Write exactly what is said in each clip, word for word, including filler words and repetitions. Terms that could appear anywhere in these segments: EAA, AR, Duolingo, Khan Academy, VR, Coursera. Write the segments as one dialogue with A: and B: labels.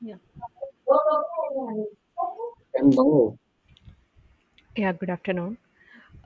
A: Yeah, yeah. Good afternoon.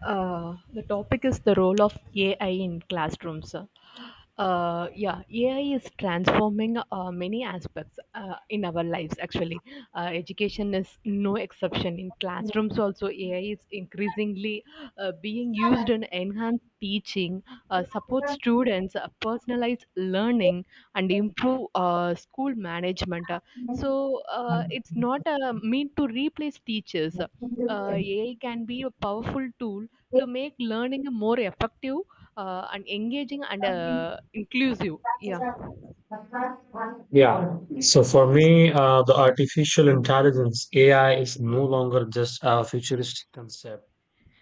A: Uh, the topic is the role of A I in classrooms. Uh, yeah, A I is transforming uh, many aspects uh, in our lives, actually, uh, education is no exception. In classrooms, also A I is increasingly uh, being used in enhanced teaching, uh, support students, uh, personalized learning, and improve uh, school management. Uh, So uh, it's not uh, meant to replace teachers. Uh, A I can be a powerful tool to make learning more effective uh, and engaging and uh, inclusive. Yeah.
B: Yeah. So for me, uh, the artificial intelligence A I is no longer just a futuristic concept.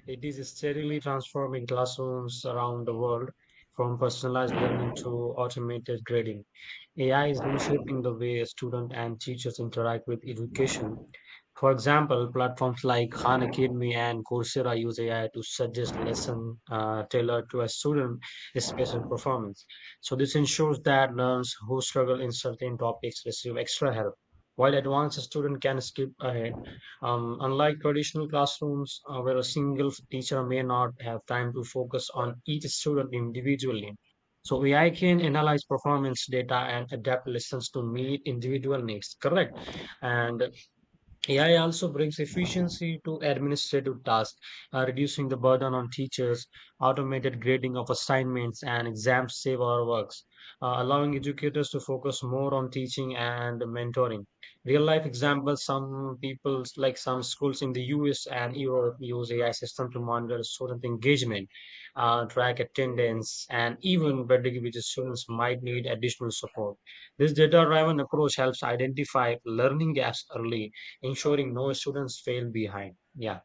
B: It is steadily transforming classrooms around the world from personalized learning to automated grading. A I is reshaping the way students and teachers interact with education. For example, platforms like Khan Academy and Coursera use A I to suggest lesson uh, tailored to a student's special performance. So this ensures that learners who struggle in certain topics receive extra help, while advanced students can skip ahead. Um, unlike traditional classrooms, uh, where a single teacher may not have time to focus on each student individually, so A I can analyze performance data and adapt lessons to meet individual needs. Correct. And A I also brings efficiency to administrative tasks, uh, reducing the burden on teachers. Automated grading of assignments and exams save our works, uh, allowing educators to focus more on teaching and mentoring. Real life examples some people, like some schools in the U S and Europe, use A I system to monitor student engagement, uh, track attendance, and even predict which students might need additional support. This data driven approach helps identify learning gaps early, ensuring no students fail behind. Yeah.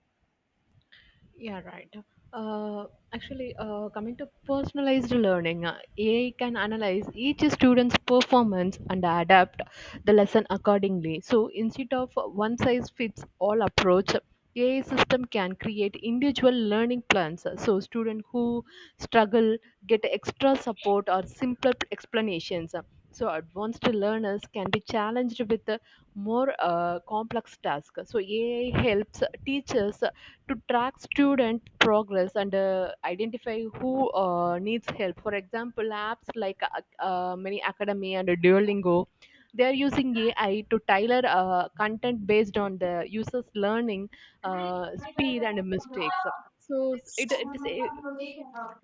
A: Yeah, right. Uh, Actually, uh, coming to personalized learning, uh, A I can analyze each student's performance and adapt the lesson accordingly. So instead of one size fits all approach, A I system can create individual learning plans. So students who struggle get extra support or simpler explanations. So advanced learners can be challenged with uh, more uh, complex tasks. So A I helps teachers to track student progress and uh, identify who uh, needs help. For example, apps like uh, uh, Many Academy and Duolingo, they are using A I to tailor uh, content based on the user's learning uh, speed and mistakes. So it, it is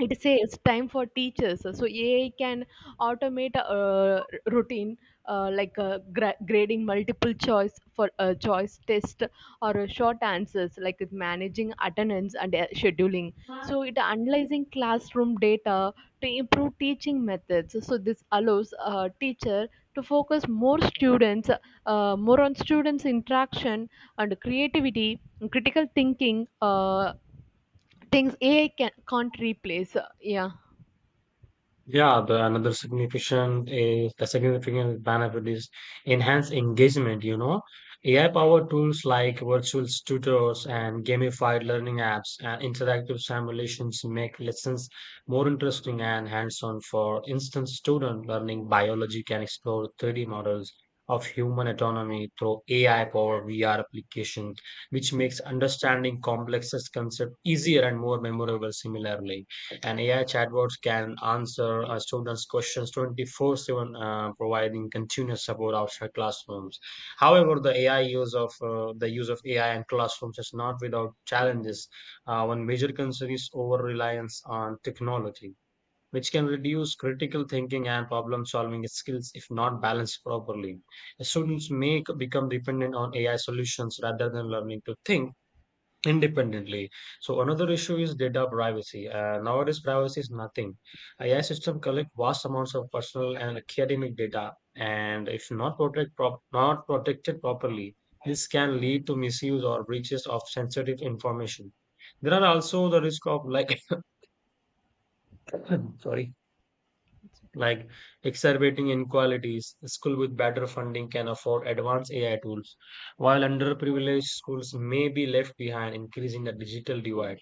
A: it saves time for teachers. So AI can automate a uh, routine, uh, like uh, gra- grading multiple choice for a choice test or a short answers, like with managing attendance and uh, scheduling. So it analyzing classroom data to improve teaching methods. So this allows a teacher to focus more students, uh, more on students interaction and creativity and critical thinking, uh, things AI can, can't replace. Yeah.
B: Yeah, the another significant is the significant benefit is enhanced engagement, you know. A I-powered tools like virtual tutors and gamified learning apps and interactive simulations make lessons more interesting and hands-on. For instance, student learning biology can explore three D models of human anatomy through A I-powered V R application, which makes understanding complex concepts easier and more memorable similarly. And A I chatbots can answer uh, students' questions twenty-four seven, uh, providing continuous support outside classrooms. However, the A I use of uh, the use of A I in classrooms is not without challenges. Uh, one major concern is over reliance on technology, which can reduce critical thinking and problem solving skills if not balanced properly. Students may c- become dependent on A I solutions rather than learning to think independently. So another issue is data privacy. Uh, nowadays, privacy is nothing. A I system collect vast amounts of personal and academic data, and if not protect prop- not protected properly, this can lead to misuse or breaches of sensitive information. There are also the risk of like sorry
A: It's okay.
B: like exacerbating inequalities. School with better funding can afford advanced A I tools, while underprivileged schools may be left behind, increasing the digital divide.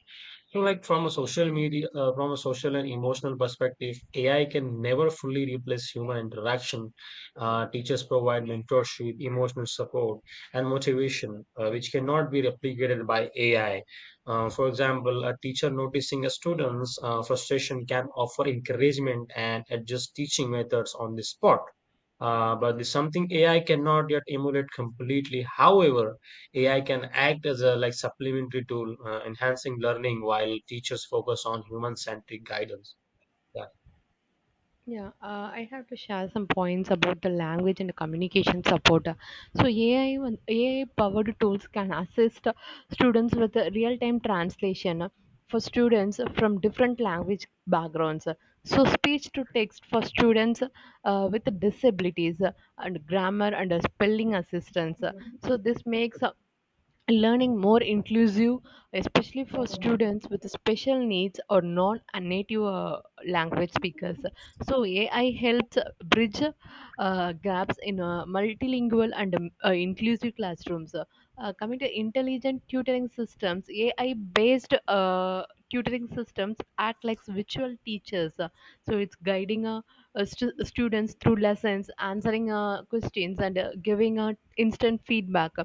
B: So, like from a social media, uh, from a social and emotional perspective, A I can never fully replace human interaction. Uh, teachers provide mentorship, emotional support, and motivation, uh, which cannot be replicated by A I. Uh, for example, a teacher noticing a student's uh, frustration can offer encouragement and adjust teaching methods on the spot. Uh, but this something A I cannot yet emulate completely. However, A I can act as a like supplementary tool, uh, enhancing learning while teachers focus on human-centric guidance. Yeah.
A: Yeah, uh, I have to share some points about the language and the communication support. So A I, when- A I powered tools can assist students with real time translation for students from different language backgrounds. So speech to text for students uh, with disabilities, and grammar and spelling assistance. So this makes learning more inclusive, especially for students with special needs or non-native uh, language speakers. So A I helps bridge uh, gaps in uh, multilingual and um, uh, inclusive classrooms. Uh, coming to intelligent tutoring systems, A I-based uh, tutoring systems act like virtual teachers. So it's guiding uh, uh, stu- students through lessons, answering uh, questions, and uh, giving uh, instant feedback.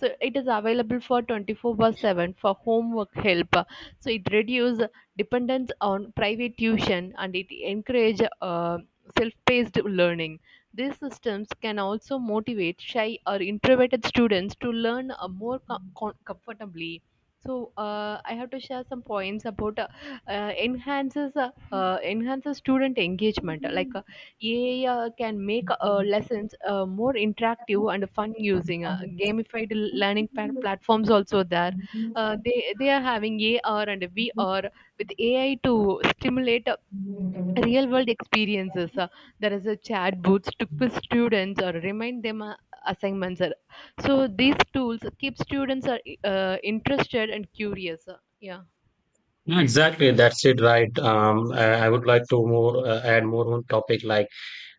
A: So it is available for twenty four by seven for homework help. So it reduce dependence on private tuition, and it encourage uh, self-paced learning. These systems can also motivate shy or introverted students to learn uh, more com- com- comfortably. So uh, I have to share some points about uh, uh, enhances uh, uh, enhances student engagement, like A I uh, can make uh, lessons uh, more interactive and fun using uh, gamified learning pa- platforms also there. Uh, they they are having A R and V R with A I to stimulate uh, real world experiences. Uh, there is a chat booths to quiz students or remind them uh, assignments. Uh, so these tools keep students are uh, interested and curious. Uh, yeah.
B: Yeah, exactly. That's it, right? Um, I I would like to more uh, add more on topic like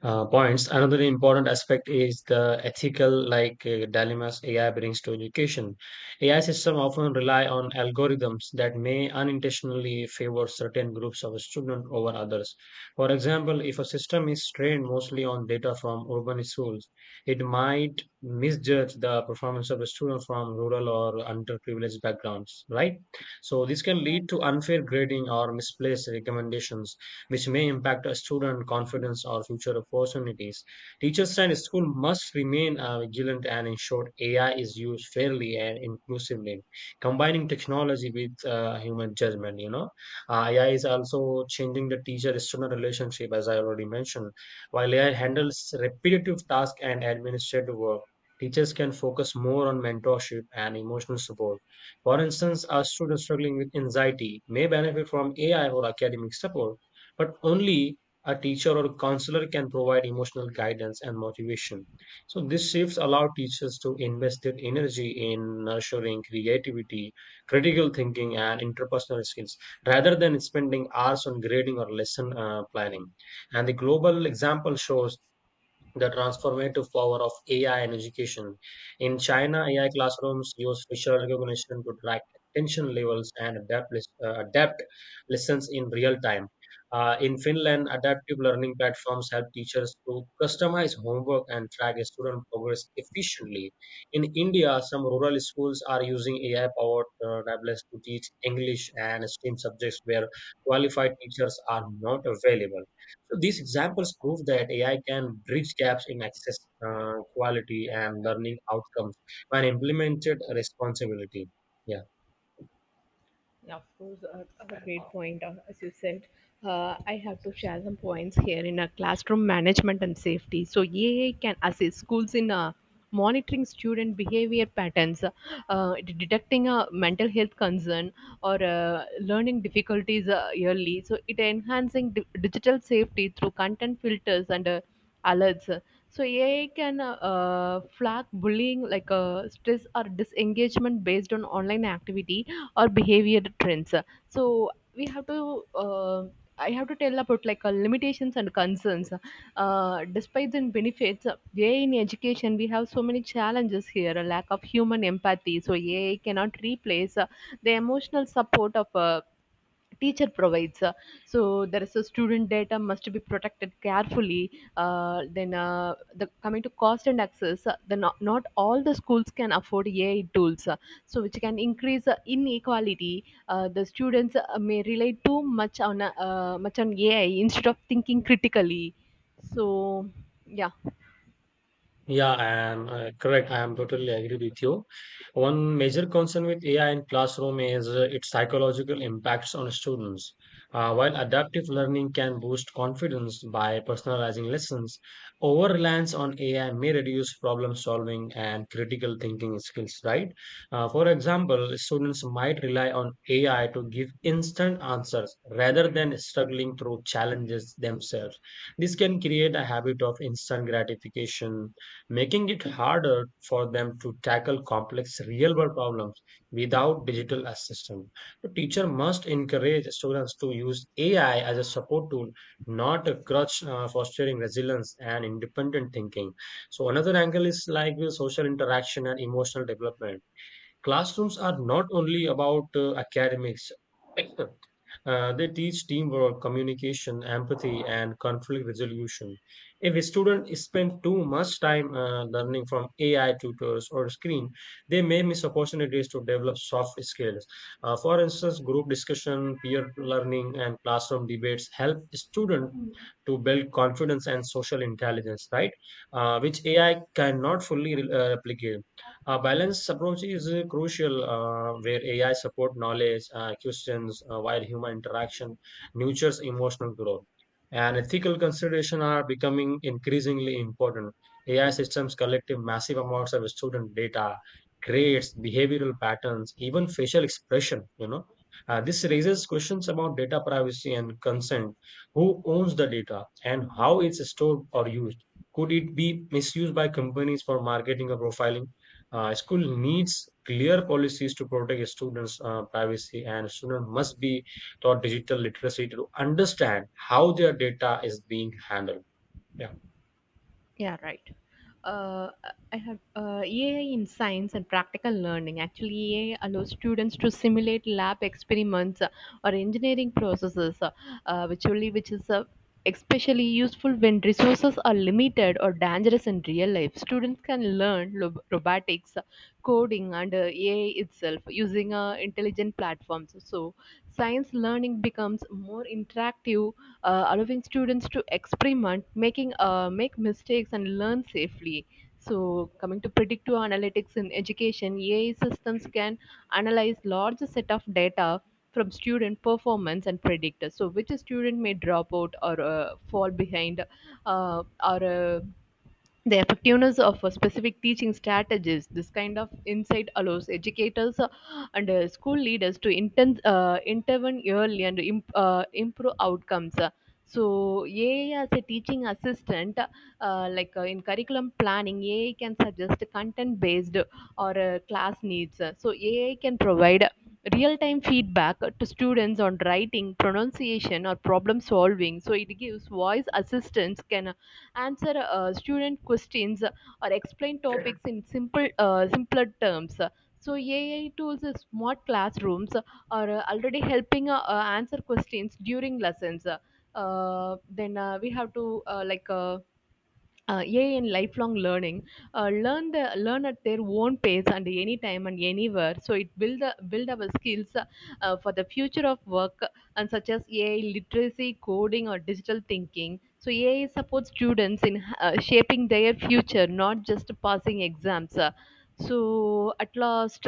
B: uh, points. Another important aspect is the ethical like uh, dilemmas A I brings to education. A I systems often rely on algorithms that may unintentionally favor certain groups of students over others. For example, if a system is trained mostly on data from urban schools, it might misjudge the performance of a student from rural or underprivileged backgrounds, right? So this can lead to unfair grading or misplaced recommendations which may impact a student confidence or future opportunities. Teachers and school must remain uh, vigilant and ensure A I is used fairly and inclusively, combining technology with uh, human judgment. You know, uh, A I is also changing the teacher-student relationship, as I already mentioned. While A I handles repetitive tasks and administrative work, teachers can focus more on mentorship and emotional support. For instance, a student struggling with anxiety may benefit from A I or academic support, but only a teacher or counselor can provide emotional guidance and motivation. So these shifts allow teachers to invest their energy in nurturing creativity, critical thinking, and interpersonal skills rather than spending hours on grading or lesson uh, planning. And the global example shows the transformative power of A I in education. In China, A I classrooms use facial recognition to track attention levels and adapt, lis- uh, adapt lessons in real time. Uh, in Finland, adaptive learning platforms help teachers to customize homework and track student progress efficiently. In India, some rural schools are using A I-powered uh, tablets to teach English and STEM subjects where qualified teachers are not available. So these examples prove that A I can bridge gaps in access, uh, quality, and learning outcomes when implemented responsibility. Yeah.
A: Yeah, of course, uh, a great point. Uh, as you said, uh, I have to share some points here in a classroom management and safety. So E A A can assist schools in uh, monitoring student behavior patterns, uh, d- detecting a mental health concern or uh, learning difficulties uh, early. So it enhancing di- digital safety through content filters and uh, alerts. So E A A can uh, uh, flag bullying, like uh, stress or disengagement based on online activity or behavior trends. So we have to uh, I have to tell about, like, uh, limitations and concerns. Uh, despite the benefits, uh, A I in education, we have so many challenges here. A lack of human empathy, so A I cannot replace uh, the emotional support of a teacher provides. Uh, so there is a student data must be protected carefully. Uh, then uh, the coming to cost and access. Uh, the not, Not all the schools can afford AI tools, uh, so which can increase uh, inequality. Uh, the students uh, may rely too much on uh, uh, much on AI instead of thinking critically. So, yeah.
B: Yeah, I am uh, correct. I am totally agree with you. One major concern with A I in classroom is uh, its psychological impacts on students. Uh, while adaptive learning can boost confidence by personalizing lessons, over reliance on A I may reduce problem solving and critical thinking skills, right? Uh, for example, students might rely on A I to give instant answers rather than struggling through challenges themselves. This can create a habit of instant gratification, making it harder for them to tackle complex real world problems without digital assistance. The teacher must encourage students to use A I as a support tool, not a crutch, uh, fostering resilience and independent thinking. So another angle is like with social interaction and emotional development. Classrooms are not only about uh, academics. Uh, they teach teamwork, communication, empathy, and conflict resolution. If a student spends too much time uh, learning from A I tutors or screen, they may miss opportunities to develop soft skills. Uh, for instance, group discussion, peer learning, and classroom debates help students to build confidence and social intelligence, right? Uh, which A I cannot fully uh, replicate. A balanced approach is uh, crucial, uh, where A I support knowledge uh, questions uh, while human interaction nurtures emotional growth. And ethical consideration are becoming increasingly important. A I systems collect massive amounts of student data, grades, behavioral patterns, even facial expression. You know, Uh, this raises questions about data privacy and consent. Who owns the data and how it's stored or used? Could it be misused by companies for marketing or profiling? Uh, school needs clear policies to protect students' uh, privacy, and students must be taught digital literacy to understand how their data is being handled. Yeah.
A: Yeah, right. uh, I have uh, E A I in science and practical learning. Actually, E A I allows students to simulate lab experiments, uh, or engineering processes, uh, uh, which only which is uh, especially useful when resources are limited or dangerous in real life. Students can learn lo- robotics, uh, coding, and uh, E A I itself using uh, intelligent platforms. So, science learning becomes more interactive, uh, allowing students to experiment, making uh, make mistakes, and learn safely. So, coming to predictive analytics in education, A I systems can analyze large set of data from student performance and predict so which student may drop out or uh, fall behind, uh, or uh, the effectiveness of a specific teaching strategies. This kind of insight allows educators uh, and uh, school leaders to inten- uh, intervene early and imp- uh, improve outcomes. So, A I as a teaching assistant, uh, like uh, in curriculum planning, A I can suggest content based or uh, class needs. So, A I can provide real time feedback to students on writing, pronunciation, or problem solving. So, it gives voice assistance can answer uh, student questions, uh, or explain topics in simple uh, simpler terms. So AI tools, uh, smart classrooms, uh, are uh, already helping uh, uh, answer questions during lessons. Uh, then uh, we have to, uh, like uh, uh, A I in lifelong learning, uh, learn the learn at their own pace and any time and anywhere. So it build the build our skills uh, for the future of work, and such as A I literacy, coding, or digital thinking. So A I supports students in uh, shaping their future, not just passing exams. Uh, So at last,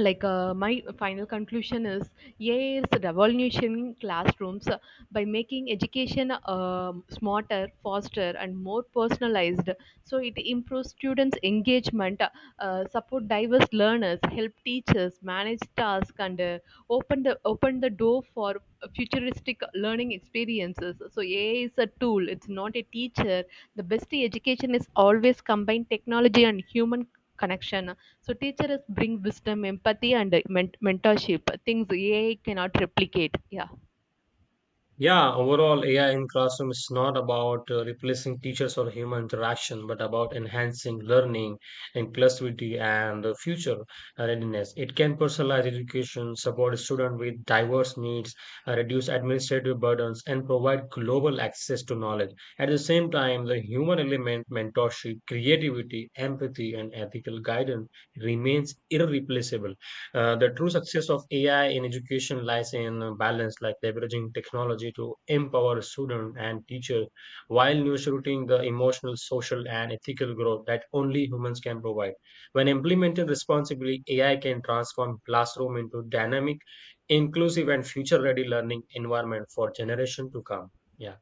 A: like uh, my final conclusion is yes, revolution classrooms, uh, by making education um smarter, faster and more personalized. So it improves students engagement, uh, uh, support diverse learners, help teachers manage tasks, and uh, open the open the door for futuristic learning experiences. So AI is a tool, it's not a teacher. The best education is always combined technology and human connection. So teachers bring wisdom, empathy, and uh, ment- mentorship. Things A I cannot replicate. Yeah.
B: Yeah, overall, A I in classroom is not about uh, replacing teachers or human interaction, but about enhancing learning, inclusivity, and uh, future uh, readiness. It can personalize education, support students with diverse needs, uh, reduce administrative burdens, and provide global access to knowledge. At the same time, the human element, mentorship, creativity, empathy, and ethical guidance remains irreplaceable. Uh, the true success of A I in education lies in a balance, like leveraging technology to empower student and teacher while nurturing the emotional, social, and ethical growth that only humans can provide. When implemented responsibly, A I can transform classroom into dynamic, inclusive, and future-ready learning environment for generation to come. Yeah.